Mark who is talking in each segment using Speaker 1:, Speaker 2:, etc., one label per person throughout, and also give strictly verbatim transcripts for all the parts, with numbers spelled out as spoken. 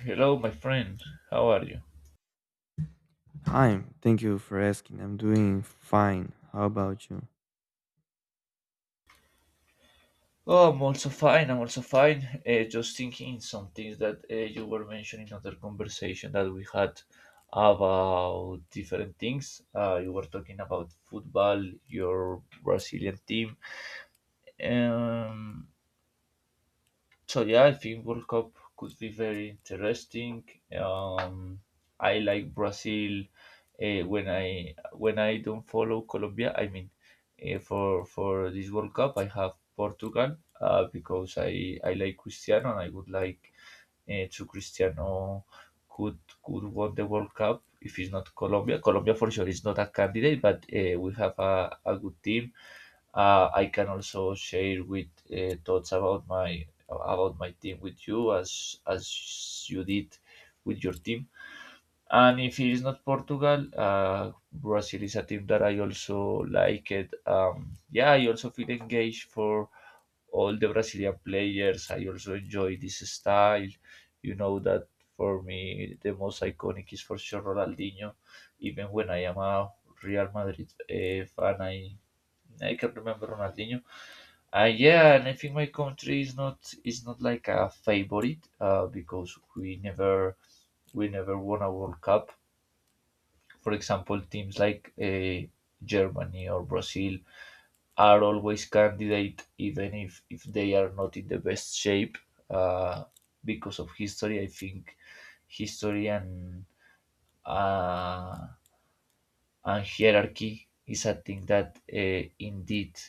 Speaker 1: Hello, my friend. How are you?
Speaker 2: Hi, thank you for asking. I'm doing fine. How about you?
Speaker 1: Oh, I'm also fine. I'm also fine. Uh, just thinking some things that uh, you were mentioning in other conversation that we had about different things. Uh, you were talking about football, your Brazilian team. Um, So yeah, I think World Cup could be very interesting. Um, I like Brazil. Uh, when I when I don't follow Colombia, I mean, uh, for for this World Cup, I have Portugal uh, because I I like Cristiano, and I would like uh, to Cristiano could could won the World Cup if it's not Colombia. Colombia for sure is not a candidate, but uh, we have a, a good team. Uh, I can also share with uh, thoughts about my about my team with you as as you did with your team. And if it is not Portugal, uh, Brazil is a team that I also like it. Um, yeah, I also feel engaged for all the Brazilian players. I also enjoy this style. You know that for me the most iconic is for sure Ronaldinho. Even when I am a Real Madrid uh, fan, I I can remember Ronaldinho. Uh, yeah, and I think my country is not is not like a favorite uh, because we never we never won a World Cup. For example, teams like uh, Germany or Brazil are always candidate, even if if they are not in the best shape uh, because of history. I think history and uh, and hierarchy is a thing that uh, indeed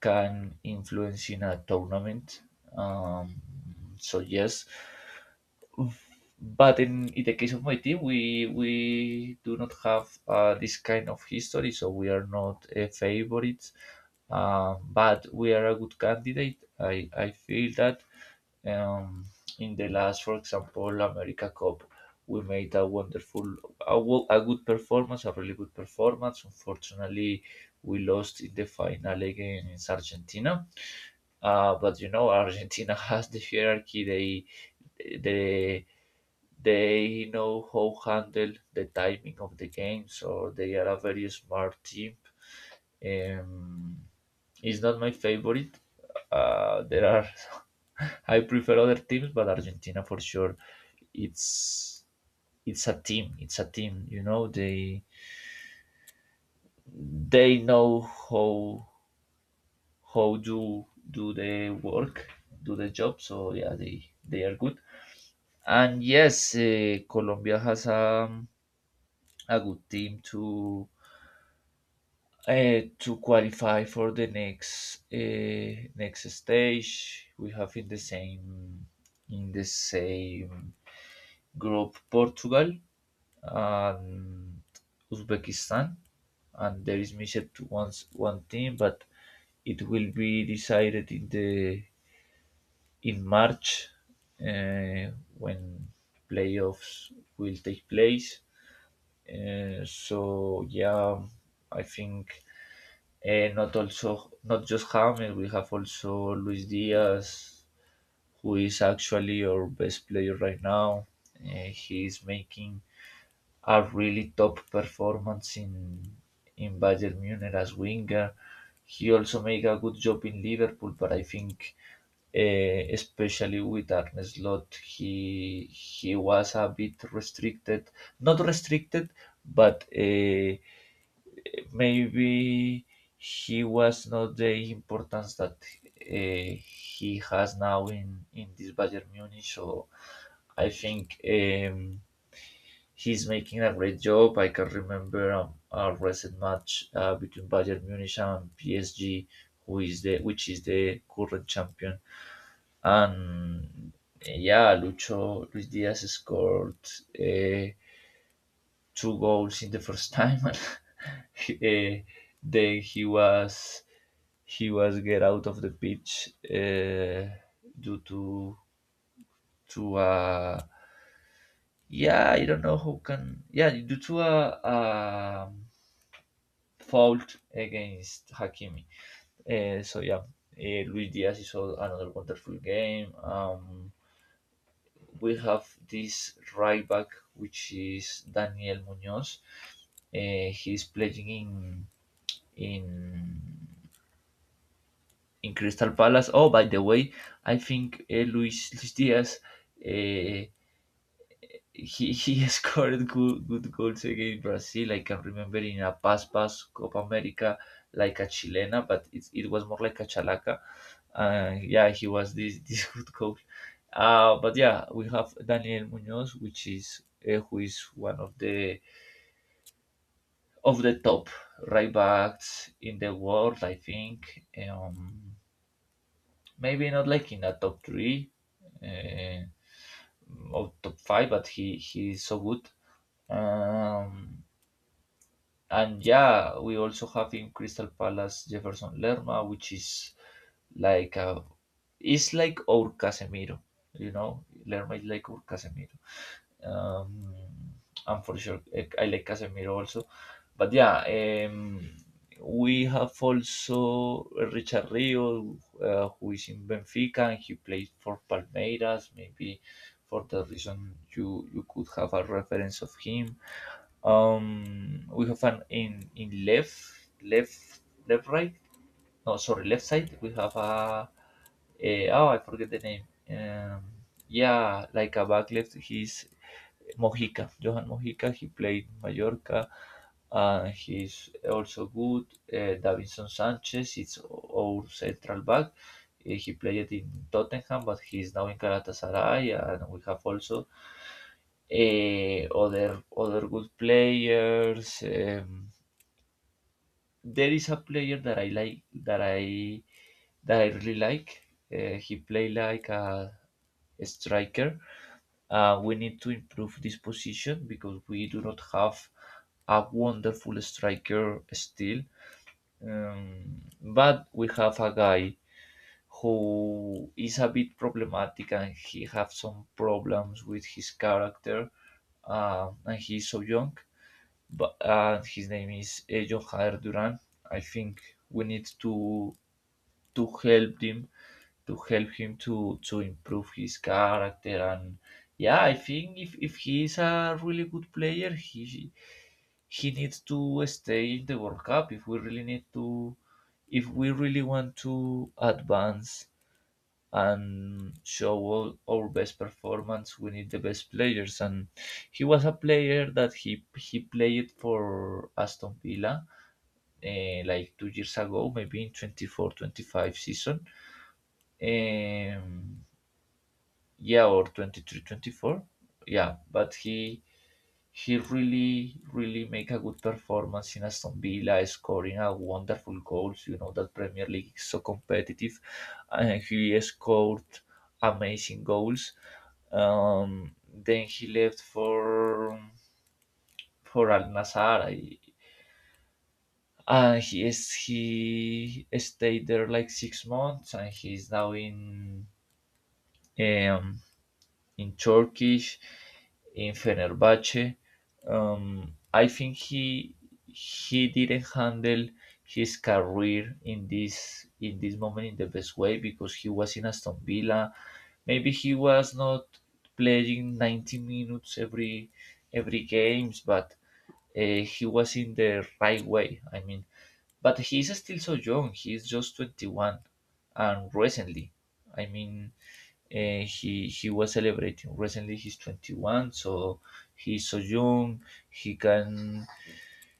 Speaker 1: can influence in a tournament. Um, so yes, but in, in the case of my team, we we do not have uh, this kind of history, so we are not a favorite. Um, but we are a good candidate. I I feel that um, in the last, for example, America Cup, we made a wonderful, a, wo- a good performance, a really good performance. Unfortunately, we lost in the final against Argentina. Uh, but you know, Argentina has the hierarchy. They they they know how handle the timing of the game, so they are a very smart team. Um, it's not my favorite. Uh, there are I prefer other teams, but Argentina for sure. It's it's a team. It's a team. You know they they know how how do do the work, do the job. So yeah, they they are good. And yes, uh, Colombia has a a good team to uh, to qualify for the next uh, next stage. We have in the same in the same group Portugal and Uzbekistan, and there is missed once one team, but it will be decided in the in March uh, when playoffs will take place. Uh, so yeah, I think uh, not also not just James. We have also Luis Diaz, who is actually our best player right now. Uh, he is making a really top performance in in Bayern Munich as winger. He also make a good job in Liverpool, but I think uh, especially with Arne Slot, he he was a bit restricted, not restricted, but uh, maybe he was not the importance that uh, he has now in, in this Bayern Munich. So I think um, he's making a great job. I can remember um, a recent match uh, between Bayern Munich and P S G, who is the which is the current champion. And yeah, Lucho Luis Diaz scored Uh, two goals in the first time, and he, uh, then he was he was get out of the pitch uh, due to to uh, yeah, I don't know who can, yeah, due to a, a fault against Hakimi. Uh, so yeah, uh, Luis Diaz is all- another wonderful game. Um, we have this right back which is Daniel Munoz. Uh, he's playing in in in Crystal Palace. Oh, by the way, I think uh, Luis, Luis Diaz uh, he he scored good good goals against Brazil. I can remember in a pass pass Copa America like a Chilena, but it, it was more like a chalaca. Uh, yeah, he was this this good goal. Uh, but yeah, we have Daniel Munoz, which is uh, who is one of the of the top right backs in the world, I think. Um, maybe not like in a top three uh, or top five, but he he is so good. Um, and yeah, we also have in Crystal Palace Jefferson Lerma, which is like a, it's like our Casemiro, you know. Lerma is like our Casemiro. Um, am for sure, I I like Casemiro also. But yeah, um, we have also Richard Rio, uh, who is in Benfica and he plays for Palmeiras. Maybe for that reason, you, you could have a reference of him. Um, we have an in, in left, left, left, right. No, sorry, left side. We have a, a, oh, I forget the name. Um, yeah, like a back left. He's Mojica, Johan Mojica. He played Mallorca. Uh, he's also good. Uh, Davinson Sanchez, it's our central back. Uh, He played in Tottenham, but he's now in Galatasaray, and we have also uh, other other good players. Um, there is a player that I like that I that I really like. Uh, he play like a striker. Uh, we need to improve this position because we do not have a wonderful striker still. Um, but we have a guy who is a bit problematic and he have some problems with his character, uh, and he's so young, but uh, his name is Ello Jader Duran. I think we need to to help him to help him to to improve his character, and yeah, I think if if he is a really good player, he he needs to stay in the World Cup if we really need to if we really want to advance and show all our best performance. We need the best players, and he was a player that he he played for Aston Villa, eh, like two years ago, maybe in twenty four twenty five season, um, yeah, or twenty three twenty four, yeah. But he she really, really make a good performance in Aston Villa, scoring a wonderful goals. You know that Premier League is so competitive, and he scored amazing goals. Um, then he left for for Al Nassr. I- And he is, he stayed there like six months, and he's now in um, in Turkish, in Fenerbahce. Um, I think he he didn't handle his career in this in this moment in the best way because he was in Aston Villa. Maybe he was not playing ninety minutes every every games, but uh, he was in the right way, I mean. But he's still so young. He's just twenty one. And recently, I mean, uh, he, he was celebrating. Recently, he's twenty one, so he's so young. He can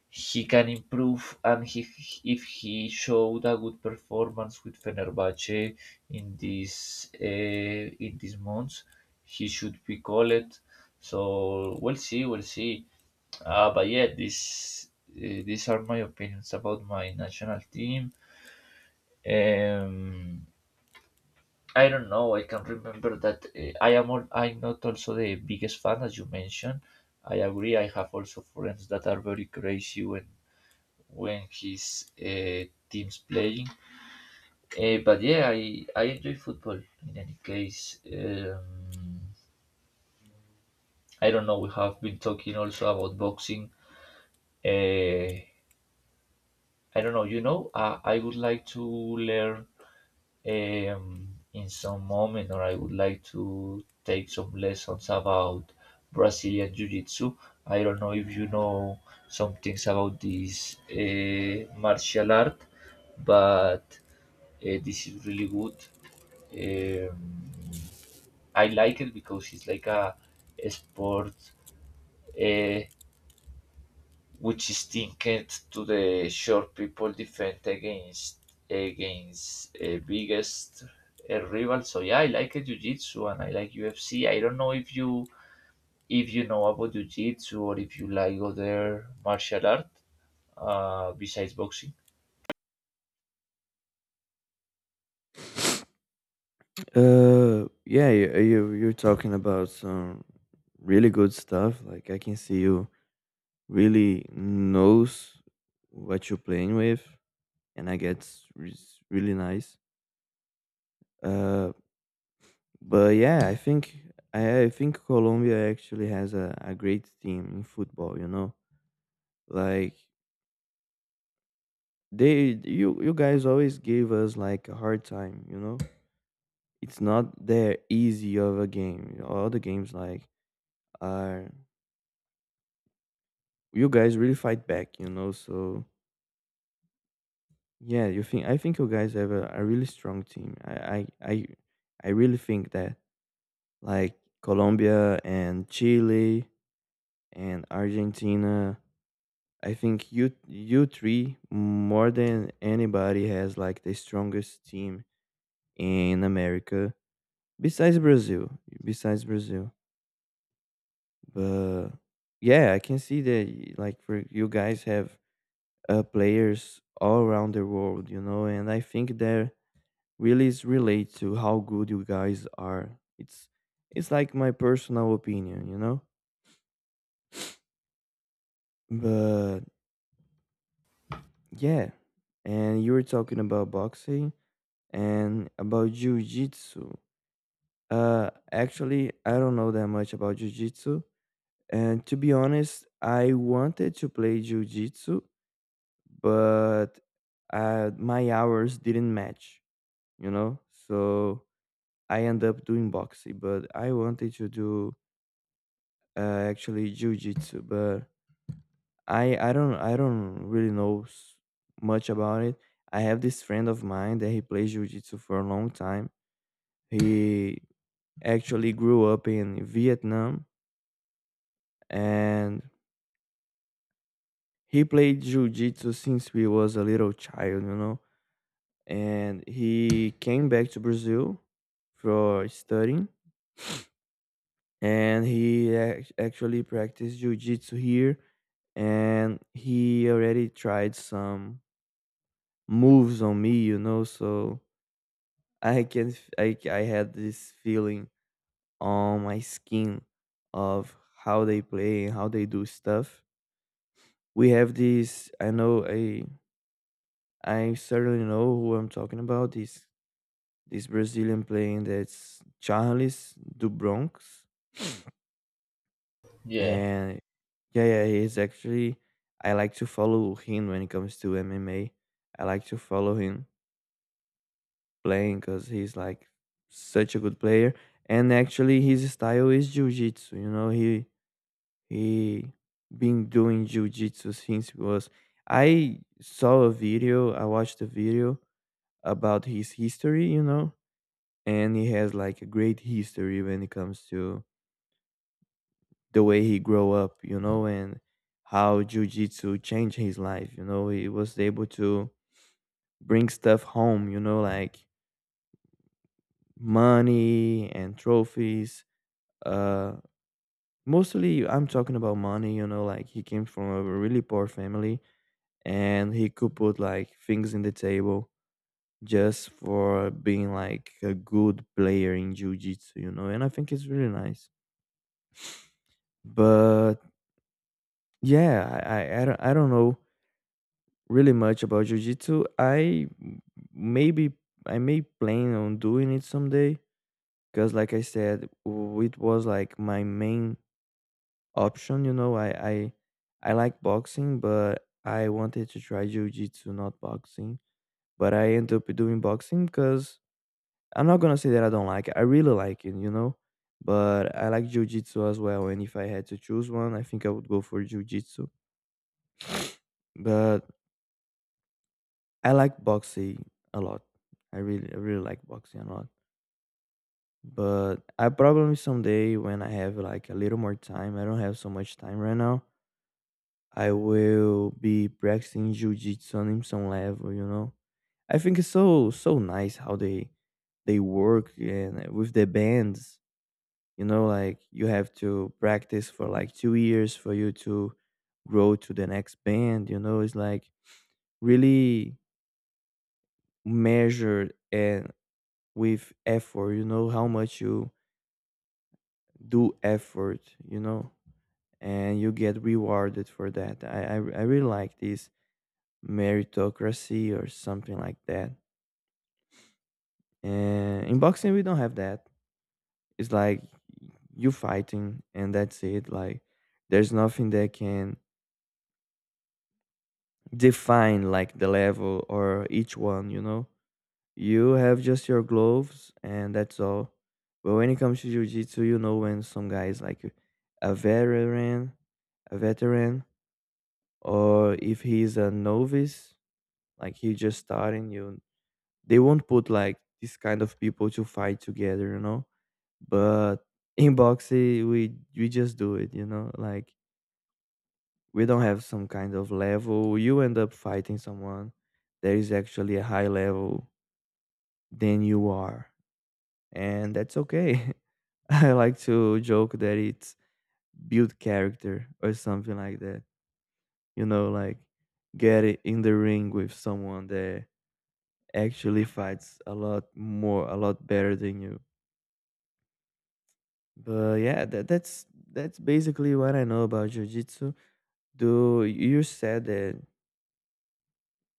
Speaker 1: he can improve, and he, if he showed a good performance with Fenerbahce in this uh, in these months, he should be called. So we'll see, we'll see. Uh, but yeah, this uh, these are my opinions about my national team. Um, I don't know. I can remember that uh, I am. All, I'm not also the biggest fan, as you mentioned. I agree. I have also friends that are very crazy when when his uh, team's playing. Uh, but yeah, I I enjoy football. In any case, um, I don't know. We have been talking also about boxing. Uh, I don't know, you know, uh, I would like to learn um, in some moment, or I would like to take some lessons about Brazilian Jiu Jitsu. I don't know if you know some things about this uh, martial art, but uh, this is really good. Um, I like it because it's like a, a sport uh, which is linked to the short people defense against against uh, biggest uh, rival. So yeah, I like uh, jiu-jitsu and I like U F C. I don't know if you if you know about jiu-jitsu or if you like other martial art uh, besides boxing.
Speaker 2: Uh, yeah, you, you you're talking about some really good stuff. Like I can see you really knows what you're playing with, and I get it's really nice. Uh, but yeah, I think I, I think Colombia actually has a, a great team in football. You know, like they you you guys always gave us like a hard time. You know it's not that easy of a game. All the games like are you guys really fight back, you know. So yeah, you think I think you guys have a, a really strong team. I, I I I really think that like Colombia and Chile and Argentina. I think you you three more than anybody has like the strongest team in America besides Brazil. Besides Brazil. But yeah, I can see that y- like for you guys have uh, players all around the world, you know, and I think that really is relate to how good you guys are. It's it's like my personal opinion, you know. But yeah, and you were talking about boxing and about jiu-jitsu. Uh, actually, I don't know that much about jiu-jitsu, and to be honest, I wanted to play jiu-jitsu but uh, my hours didn't match, you know. So I end up doing boxing, but I wanted to do uh, actually jitsu. But I I don't I don't really know s- much about it. I have this friend of mine that he plays jiu jitsu for a long time. He actually grew up in Vietnam and he played jiu jitsu since we was a little child, you know and he came back to Brazil for studying, and he ac- actually practiced jiu-jitsu here, and he already tried some moves on me, you know, so I can f- I I had this feeling on my skin of how they play and how they do stuff. We have this I know I I certainly know who I'm talking about, this this Brazilian playing that's Charles do Bronx.
Speaker 1: Yeah,
Speaker 2: And yeah, yeah, he's actually I like to follow him when it comes to M M A. I like to follow him playing because he's like such a good player. And actually his style is jiu-jitsu. You know, he he been doing jiu-jitsu since he was I saw a video, I watched a video about his history, you know, and he has like a great history when it comes to the way he grow up, you know, and how jujitsu changed his life. You know, he was able to bring stuff home. You know, like money and trophies. Uh, mostly, I'm talking about money. You know, like he came from a really poor family, and he could put like things in the table just for being like a good player in jujitsu. You know, and I think it's really nice. But yeah, I I, I don't I don't know really much about jiu jitsu. I m- maybe I may plan on doing it someday because, like I said, w- it was like my main option. You know, I I I like boxing, but I wanted to try jiu jitsu, not boxing. But I end up doing boxing because I'm not gonna say that I don't like it. I really like it, you know. But I like jiu jitsu as well, and if I had to choose one, I think I would go for jiu jitsu. But I like boxing a lot. I really, I really like boxing a lot. But I probably someday when I have like a little more time, I don't have so much time right now. I will be practicing jujitsu on some level, you know. I think it's so so nice how they they work and with the bands, you know, like you have to practice for like two years for you to grow to the next band, you know, it's like really measured and with effort you know how much you do effort you know and you get rewarded for that i i, I really like this meritocracy or something like that and in boxing we don't have that it's like you fighting and that's it like there's nothing that can define like the level or each one you know. You have just your gloves and that's all. But when it comes to jiu-jitsu, you know when some guy is like a veteran, a veteran, or if he's a novice, like he just starting, you they won't put like this kind of people to fight together, you know? But in boxing, we we just do it, you know? Like we don't have some kind of level. You end up fighting someone that is actually a high level than you are. And that's okay. I like to joke that it's build character or something like that. You know, like get it in the ring with someone that actually fights a lot more, a lot better than you. But yeah, that, that's that's basically what I know about jiu-jitsu. Do you said that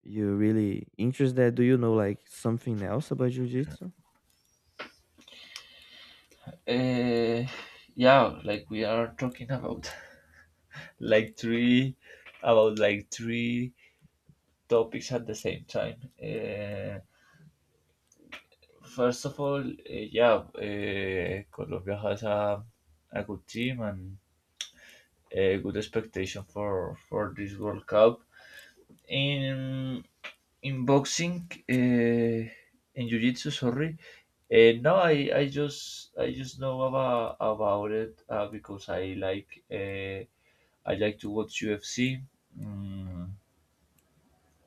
Speaker 2: you really interested Do you know like something else about jiu-jitsu?
Speaker 1: uh, yeah. Like we are talking about like three about like three topics at the same time. Uh, First of all, uh, yeah, uh, Colombia has a, a good team and a good expectation for, for this World Cup. In in boxing, uh, in jiu-jitsu, sorry, uh, no, I, I just I just know about about it uh, because I like uh, I like to watch U F C, mm,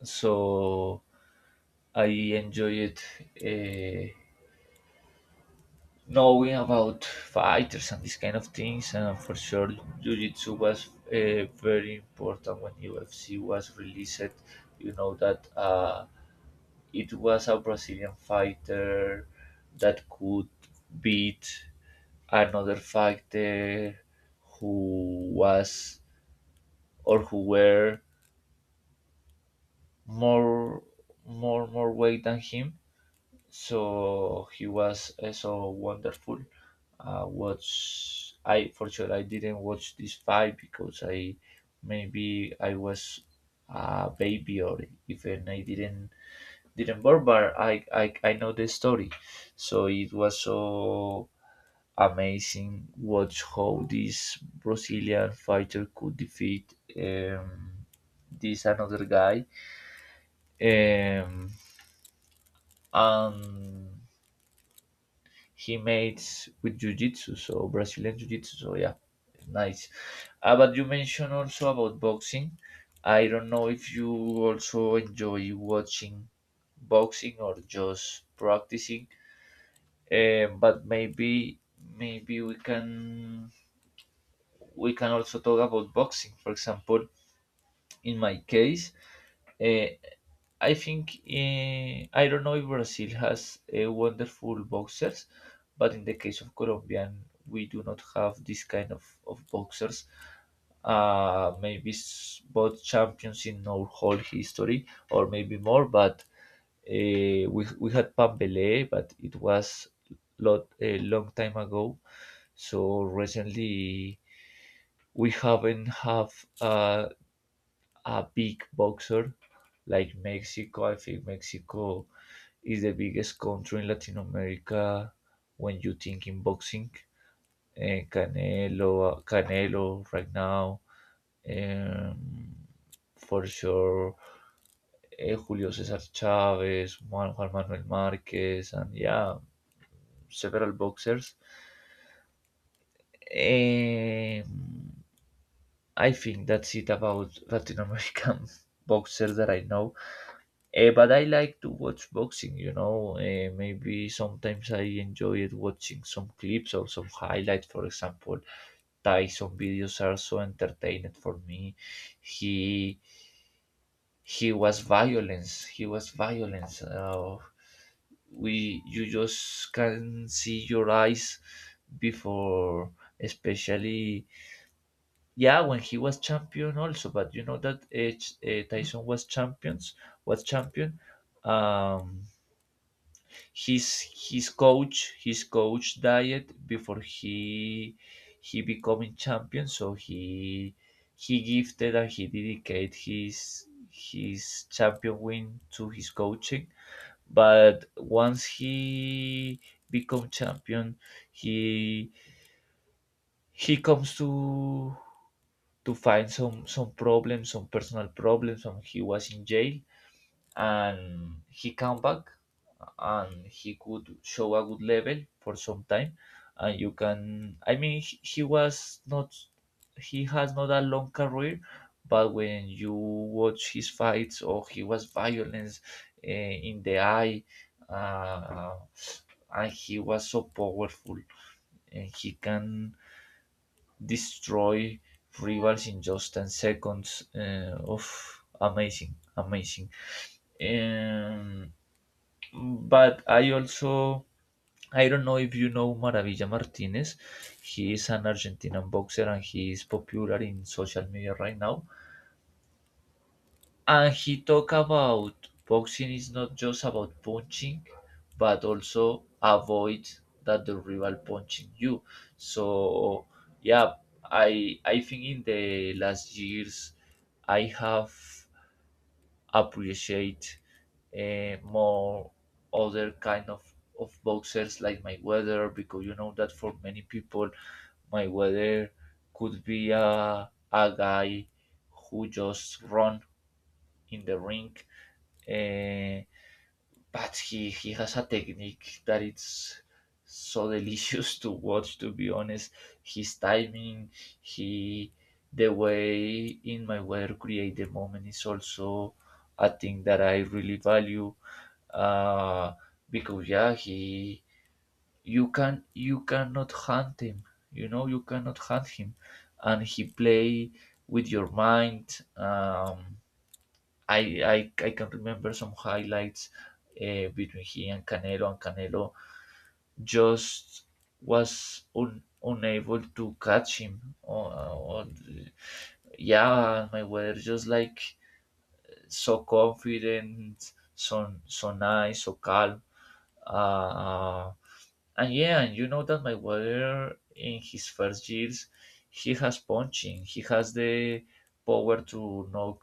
Speaker 1: so I enjoy it. Uh, Knowing about fighters and these kind of things, and for sure jiu-jitsu was uh, very important when U F C was released. You know that uh, it was a Brazilian fighter that could beat another fighter who was, or who were, more more more weight than him, so he was uh, so wonderful. Uh, watch I for sure I didn't watch this fight because I maybe I was a baby or even I didn't didn't born, but I, I I know the story, so it was so amazing watch how this Brazilian fighter could defeat um, this another guy um, and he mates with jiu-jitsu, so Brazilian jiu-jitsu, so yeah, it's nice. Uh, but you mentioned also about boxing. I don't know if you also enjoy watching boxing or just practicing. Uh, but maybe maybe we can we can also talk about boxing, for example. In my case, uh, I think, eh, I don't know if Brazil has uh, wonderful boxers, but in the case of Colombian, we do not have this kind of, of boxers. Uh, maybe s- both champions in our whole history, or maybe more. But uh, we we had Pambele, but it was lot a long time ago. So recently we haven't have uh, a big boxer like Mexico. I think Mexico is the biggest country in Latin America when you think in boxing. Uh, Canelo, Canelo right now, um, for sure. Uh, Julio Cesar Chavez, Juan, Juan Manuel Marquez, and yeah, several boxers. Um, I think that's it about Latin American boxers that I know. Eh, but I like to watch boxing, you know. Eh, maybe sometimes I enjoy it watching some clips or some highlights. For example, Tyson videos are so entertaining for me. He he was violence. He was violence. Uh, we You just can see your eyes before, especially yeah, when he was champion also. But you know that uh, Tyson was champions was champion. Um, his his coach his coach died before he he becoming champion, so he he gifted and he dedicated his his champion win to his coaching. But once he become champion, he he comes to to find some some problems, some personal problems, and he was in jail and he come back and he could show a good level for some time. And you can, I mean, he, he was not, he has not a long career, but when you watch his fights, or he was violence uh, in the eye, uh, and he was so powerful, and he can destroy rivals in just ten seconds. Uh, of amazing, amazing. Um, but I also, I don't know if you know Maravilla Martinez. He is an Argentinian boxer and he is popular in social media right now. And he talk about boxing is not just about punching, but also avoid that the rival punching you. So yeah, I I think in the last years I have appreciate uh, more other kind of of boxers like my weather because you know that for many people my weather could be a, a guy who just run in the ring. Uh, but he he has a technique that it's so delicious to watch, to be honest. His timing, he the way in my way to create the moment is also a thing that I really value, uh because yeah, he, you can, you cannot hunt him, you know, you cannot hunt him, and he play with your mind. Um I I, I can remember some highlights uh, between he and Canelo, and Canelo just was un, unable to catch him. Or, or yeah, Mayweather just like so confident, so so nice, so calm. Uh, and yeah, and you know that Mayweather in his first years, he has punching, he has the power to knock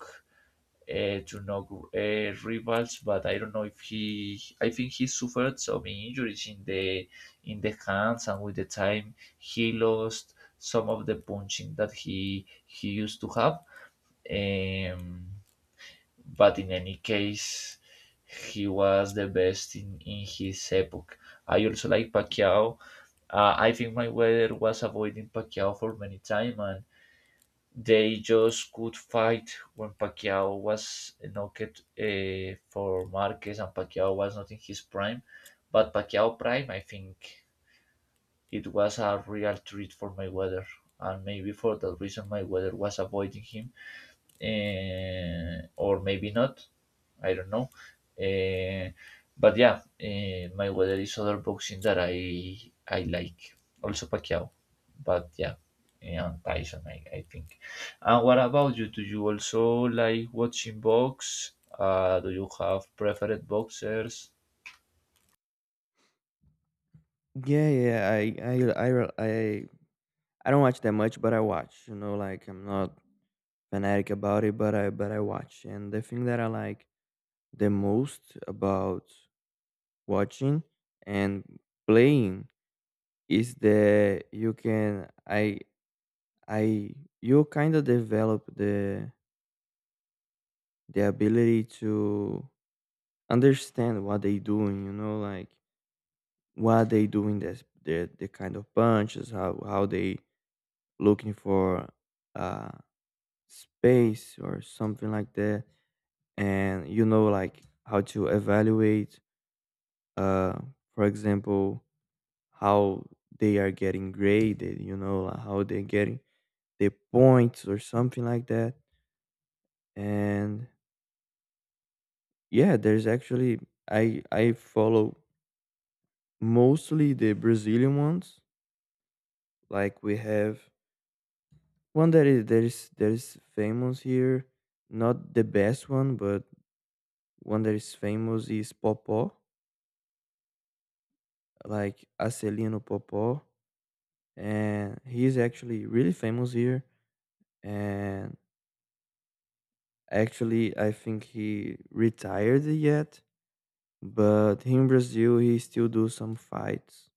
Speaker 1: uh, to knock uh, rivals, but I don't know if he. I think he suffered some injuries in the in the hands, and with the time he lost some of the punching that he he used to have. Um, but in any case, he was the best in in his epoch. I also like Pacquiao. Uh, I think Mayweather was avoiding Pacquiao for many time, and they just could fight when Pacquiao was knocked uh, for Marquez and Pacquiao was not in his prime. But Pacquiao prime, I think it was a real treat for Mayweather, and maybe for that reason Mayweather was avoiding him, uh, or maybe not. I don't know. Uh, but yeah, uh, Mayweather is other boxing that I I like. Also Pacquiao, but yeah, yeah, and Tyson, I, I think. And what about you? Do you also like watching box? Uh, do you have preferred boxers?
Speaker 2: Yeah, yeah, I, I, I, re- I, I don't watch that much, but I watch. You know, like I'm not fanatic about it, but I but I watch. And the thing that I like the most about watching and playing is that you can I I you kind of develop the the ability to understand what they doing, you know, like what they doing this the the kind of punches, how how they looking for uh space or something like that and you know like how to evaluate uh, for example, how they are getting graded, you know, like how they're getting the points or something like that. And yeah, there's actually I I follow mostly the Brazilian ones. Like we have one that is that is that is famous here, not the best one, but one that is famous is Popó, like Acelino Popó, and he's actually really famous here and actually, I think he retired yet, but here in Brazil he still do some fights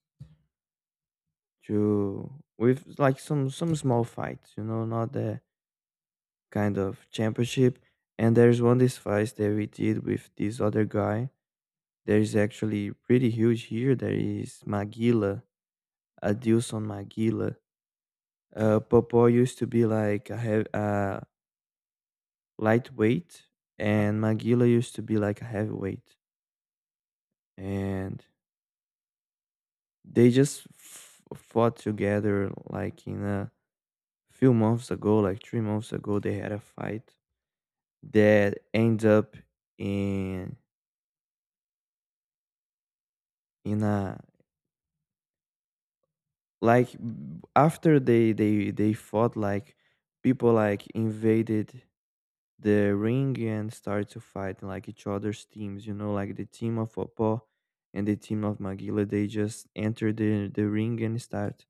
Speaker 2: to with like some some small fights, you know, not the kind of championship. And there's one this fight that we did with this other guy. There is actually pretty huge here. There is Maguila, Adilson Maguila. Uh, Popó used to be like a heavy, uh, lightweight, and Maguila used to be like a heavyweight. And they just f- fought together like in a few months ago, like three months ago. They had a fight that ends up in in a like b- after they they they fought like people like invaded the ring and started to fight like each other's teams you know like the team of Opo and the team of Magila. They just entered the, the ring and start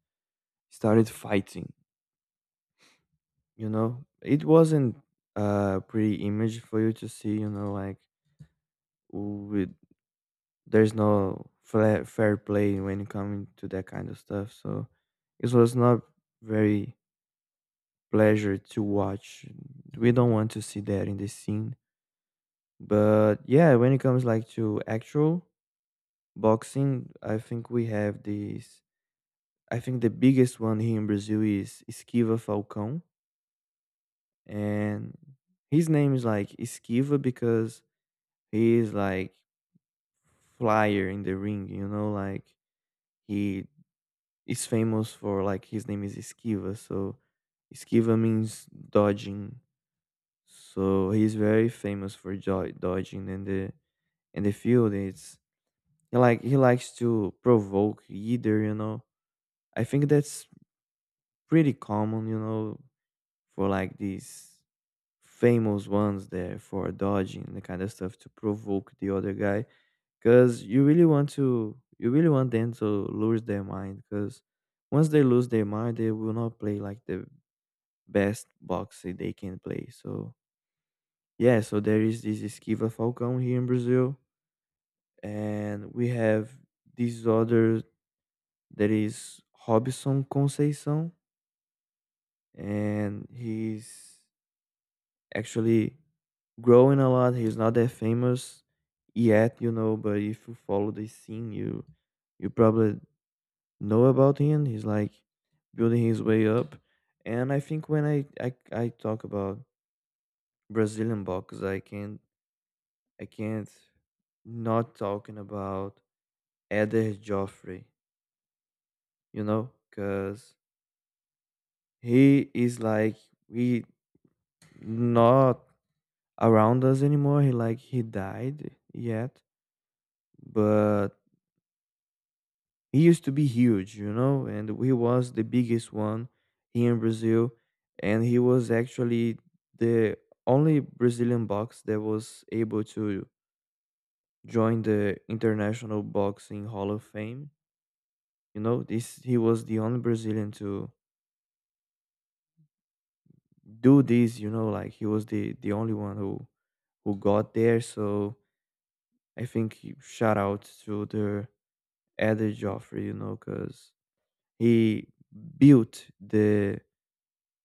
Speaker 2: started fighting. You know, it wasn't a pretty image for you to see. You know, like with there's no fair fair play when coming to that kind of stuff. So it was not very pleasure to watch. We don't want to see that in this scene. But yeah, when it comes like to actual boxing, I think we have these. I think the biggest one here in Brazil is Esquiva Falcão, and his name is like Esquiva because he is like flyer in the ring, you know, like he is famous for like his name is Esquiva, so Esquiva means dodging. So he's very famous for jo- dodging in the in the field. It's he like he likes to provoke either, you know. I think that's pretty common, you know, for like these famous ones there for dodging and the kind of stuff to provoke the other guy because you really want to you really want them to lose their mind because once they lose their mind they will not play like the best boxing they can play so yeah so there is this Esquiva Falcão here in Brazil and we have this other that is Robson Conceição and he's actually growing a lot he's not that famous yet you know but if you follow the scene you you probably know about him. He's like building his way up. And I think when I I, I talk about Brazilian box, I can't I can't not talking about Eder Joffrey, you know, because he is like we not around us anymore. He like he died yet, but he used to be huge, you know, and he was the biggest one here in Brazil, and he was actually the only Brazilian box that was able to join the International Boxing Hall of Fame. You know, this he was the only Brazilian to do this. You know, like he was the the only one who who got there. So I think he- shout out to the Eddie Joffrey, you know, because he built the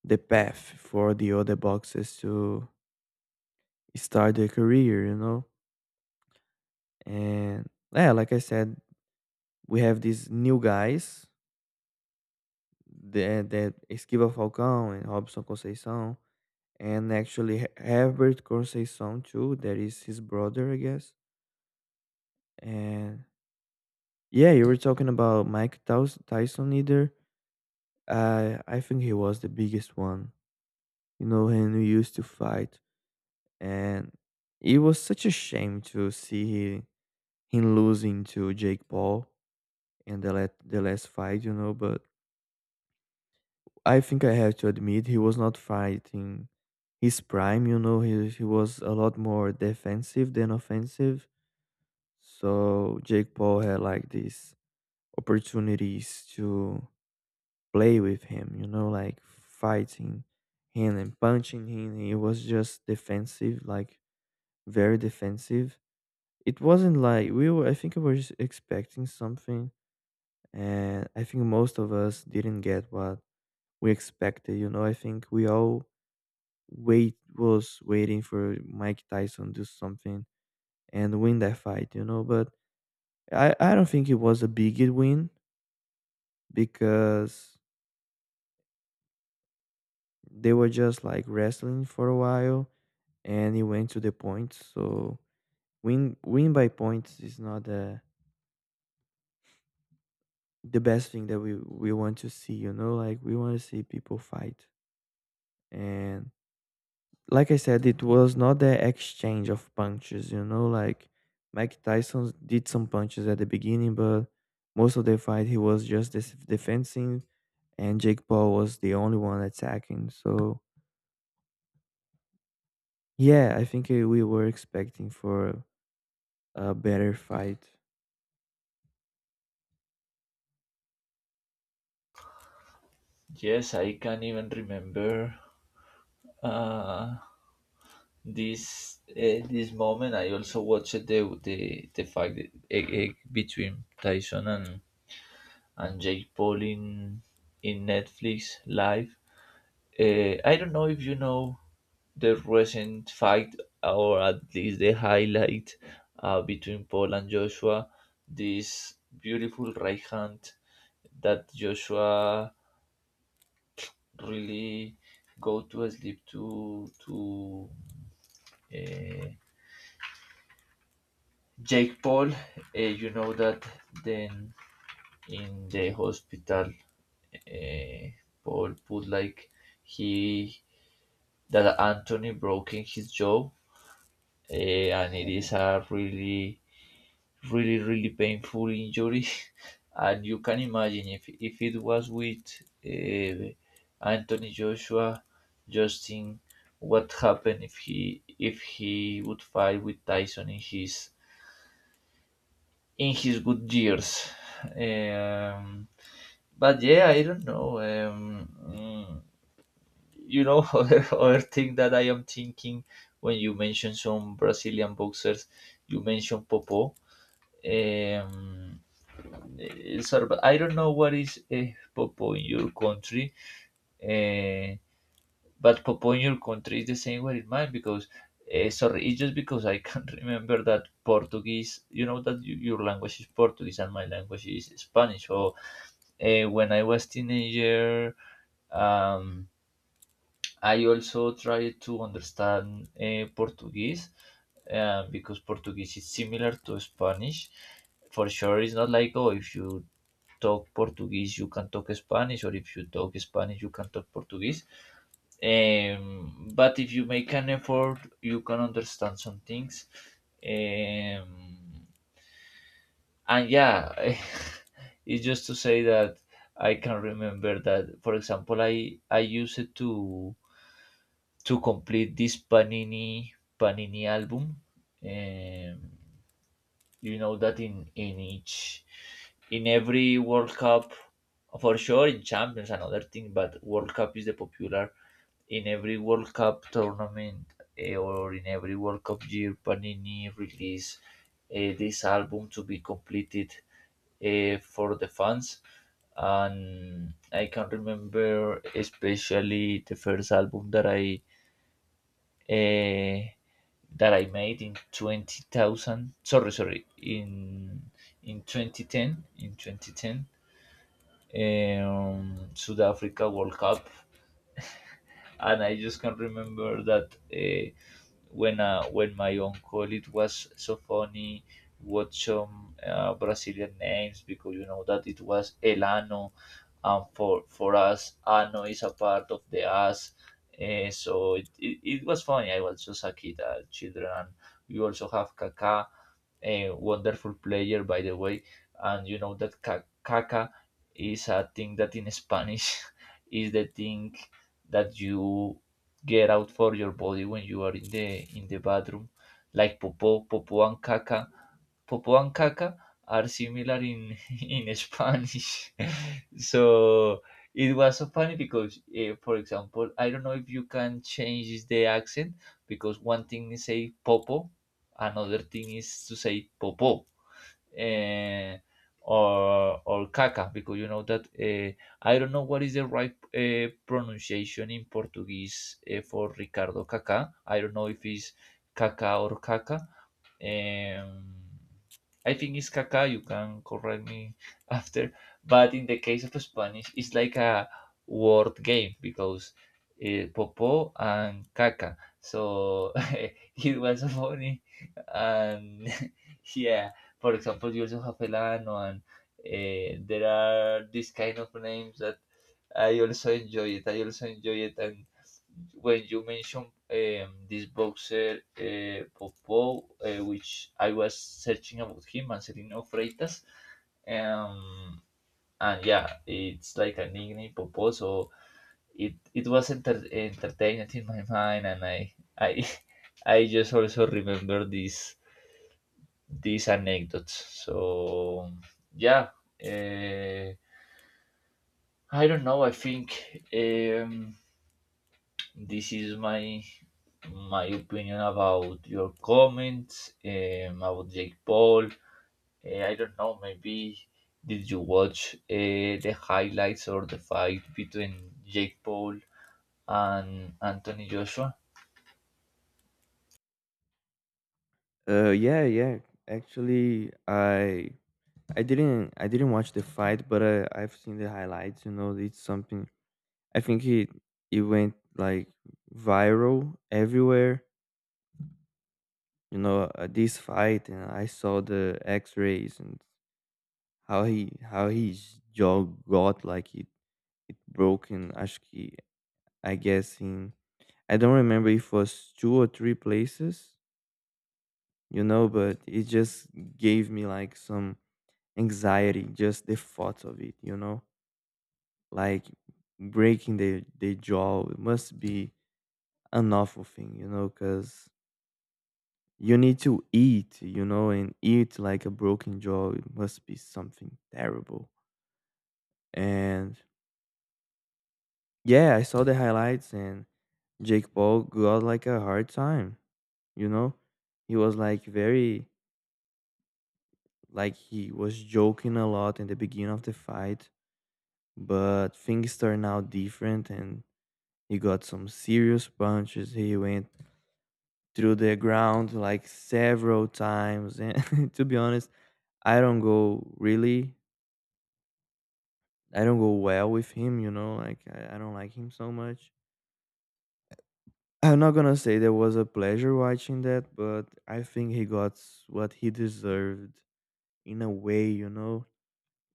Speaker 2: the path for the other boxers to start their career, you know? And yeah, like I said, we have these new guys that, that Esquiva Falcão and Robson Conceição, and actually He- Herbert Conceição too, that is his brother, I guess. And yeah, you were talking about Mike Tous- Tyson either. I I think he was the biggest one, you know, and we used to fight. And it was such a shame to see him losing to Jake Paul in the let the last fight, you know, but I think I have to admit he was not fighting his prime, you know, he he was a lot more defensive than offensive. So Jake Paul had like these opportunities to play with him, you know, like fighting him and punching him. He was just defensive, like very defensive. It wasn't like we were I think I was expecting something, and I think most of us didn't get what we expected. You know, I think we all wait was waiting for Mike Tyson to do something and win that fight. You know, but I I don't think it was a big win because they were just like wrestling for a while and it went to the points. So win win by points is not the the best thing that we we want to see. You know, like we want to see people fight, and like I said, it was not the exchange of punches, you know, like Mike Tyson did some punches at the beginning, but most of the fight he was just this defending, and Jake Paul was the only one attacking. So yeah, I think uh, we were expecting for a better fight.
Speaker 1: Yes, I can even remember. Uh, this uh, this moment I also watched the the, the fight uh, uh, between Tyson and and Jake Paul in in Netflix live. uh, I don't know if you know the recent fight, or at least the highlight, uh, between Paul and Joshua. This beautiful right hand that Joshua really go to sleep to to uh, Jake Paul. Uh, you know that then in the hospital, uh, Paul put like he that Anthony broken his jaw, uh, and it is a really, really, really painful injury. And you can imagine if if it was with uh, Anthony Joshua, Justin, what happened if he if he would fight with Tyson in his in his good years. Um, but yeah, I don't know. Um, mm, you know, other, other thing that I am thinking when you mention some Brazilian boxers, you mention Popo. Um, eh, Sarba- I don't know what is eh, Popo in your country, eh, but Popo in your country is the same way in mine because, eh, sorry, it's just because I can't remember that Portuguese, you know, that you, your language is Portuguese and my language is Spanish. So uh, when I was teenager, um, I also tried to understand uh, Portuguese uh, because Portuguese is similar to Spanish. For sure, it's not like oh, if you talk Portuguese, you can talk Spanish, or if you talk Spanish, you can talk Portuguese. Um, but if you make an effort, you can understand some things. Um, and yeah, it's just to say that I can remember that, for example, i i used it to to complete this panini panini album. um, you know that in in each in every World Cup, for sure in Champions another thing, but World Cup is the popular, in every World Cup tournament, eh, or in every World Cup year, Panini release eh, this album to be completed, eh, for the fans. And I can remember especially the first album that I uh, that I made in twenty thousand. Sorry, sorry, in in twenty ten. In twenty ten, um, South Africa World Cup. And I just can remember that uh, when uh, when my uncle, it was so funny what some uh, Brazilian names, because you know that it was Elano, and for for us Ano is a part of the us. Eh, so it, it, it was funny, I was just a kid, uh, children, and we also have Kaká, a wonderful player, by the way. And you know that Ka- Kaká is a thing that in Spanish is the thing that you get out for your body when you are in the in the bathroom, like popo, popo and caca. Popo and caca are similar in in Spanish, so it was so funny because, uh, for example, I don't know if you can change the accent, because one thing is say popo, another thing is to say popo, uh, or or caca, because you know that, uh, I don't know what is the right uh, pronunciation in Portuguese uh, for Ricardo Kaká. I don't know if it's caca or Caca, um, I think it's caca. You can correct me after. But in the case of Spanish, it's like a word game because uh, popo and caca. So it was funny. And yeah, for example, you also have Elano, and uh, there are these kind of names that I also enjoy it. I also enjoy it, and when you mentioned um, this boxer uh, Popo, uh, which I was searching about him, Marcelino Freitas, um, and yeah, it's like a nickname Popo, so it it was enter- entertaining in my mind, and I I I just also remember these these anecdotes. So yeah, uh, I don't know. I think, um, this is my my opinion about your comments um, about Jake Paul. Uh, I don't know, maybe, did you watch uh, the highlights or the fight between Jake Paul and Anthony Joshua?
Speaker 2: Uh, yeah, yeah. Actually, I I didn't I didn't watch the fight, but I I've seen the highlights. You know, it's something I think it it went like viral everywhere. You know, uh, this fight, and I saw the X-rays and how he how his jaw got like it broken. Acho que- I guess in, I don't remember if it was two or three places. You know, but it just gave me like some anxiety, just the thought of it. You know, like breaking the the jaw. It must be an awful thing. You know, because you need to eat, you know, and eat like a broken jaw. It must be something terrible. And yeah, I saw the highlights and Jake Paul got like a hard time, you know? He was like very, like he was joking a lot in the beginning of the fight, but things turned out different and he got some serious punches. He went through the ground like several times, and to be honest, I don't go really I don't go well with him, you know, like I, I don't like him so much. I'm not gonna say there was a pleasure watching that, but I think he got s- what he deserved in a way, you know.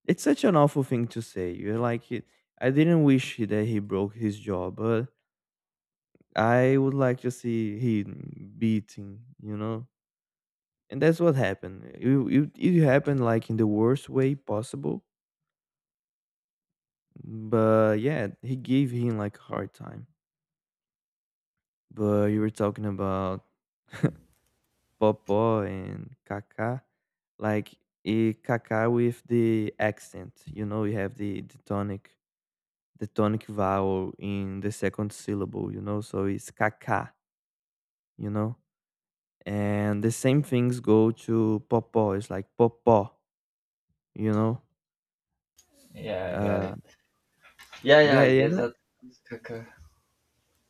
Speaker 2: It's such an awful thing to say. You're like, he, I didn't wish he- that he broke his jaw, but I would like to see him beating, you know. And that's what happened. It, it, it happened like in the worst way possible, but yeah, he gave him like a hard time. But you were talking about Popo and Kaká. Like e Kaká with the accent, you know, you have the, the tonic the tonic vowel in the second syllable, you know, so it's Kaká, you know. And the same things go to Popo. It's like Popo, you know.
Speaker 1: Yeah, I got
Speaker 2: Uh,
Speaker 1: it. Yeah, yeah,
Speaker 2: yeah,
Speaker 1: I
Speaker 2: yeah,
Speaker 1: guess
Speaker 2: and I,
Speaker 1: that. Okay.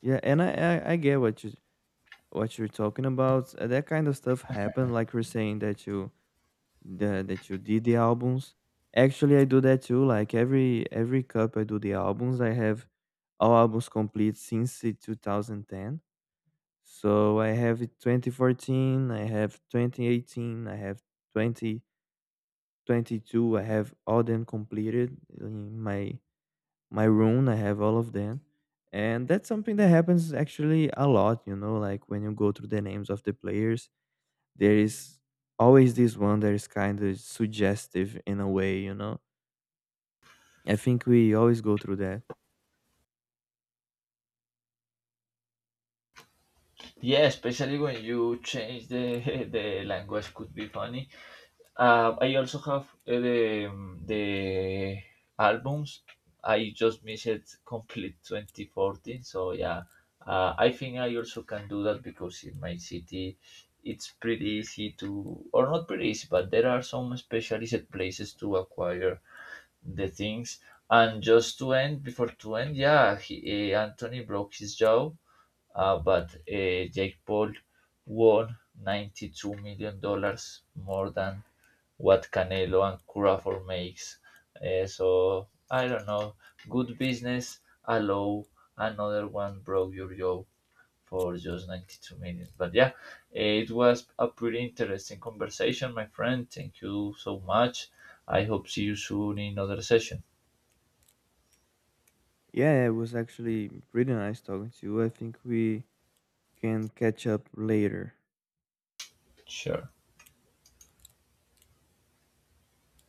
Speaker 2: yeah, and I, I, I get what you what you're talking about. Uh, That kind of stuff happened, like you're saying that you that that you did the albums. Actually, I do that too. Like every every cup, I do the albums. I have all albums complete since the two thousand ten. So I have it twenty fourteen, I have twenty eighteen, I have twenty twenty-two. I have all them completed in my my room. I have all of them. And that's something that happens actually a lot, you know, like when you go through the names of the players, there is always this one that is kind of suggestive in a way, you know? I think we always go through that.
Speaker 1: Yeah, especially when you change the the language could be funny. Uh, I also have uh, the um, the albums. I just missed it complete twenty fourteen. So yeah, uh, I think I also can do that, because in my city, it's pretty easy to, or not pretty easy, but there are some specialized places to acquire the things. And just to end, before to end, yeah, he, uh, Anthony broke his jaw, uh, but uh, Jake Paul won ninety-two million dollars more than what Canelo and Crawford makes. Uh, so I don't know. Good business allow another one broke your jaw for just ninety-two minutes. But yeah, it was a pretty interesting conversation, my friend. Thank you so much. I hope see you soon in another session.
Speaker 2: Yeah, it was actually pretty nice talking to you. I think we can catch up later.
Speaker 1: Sure.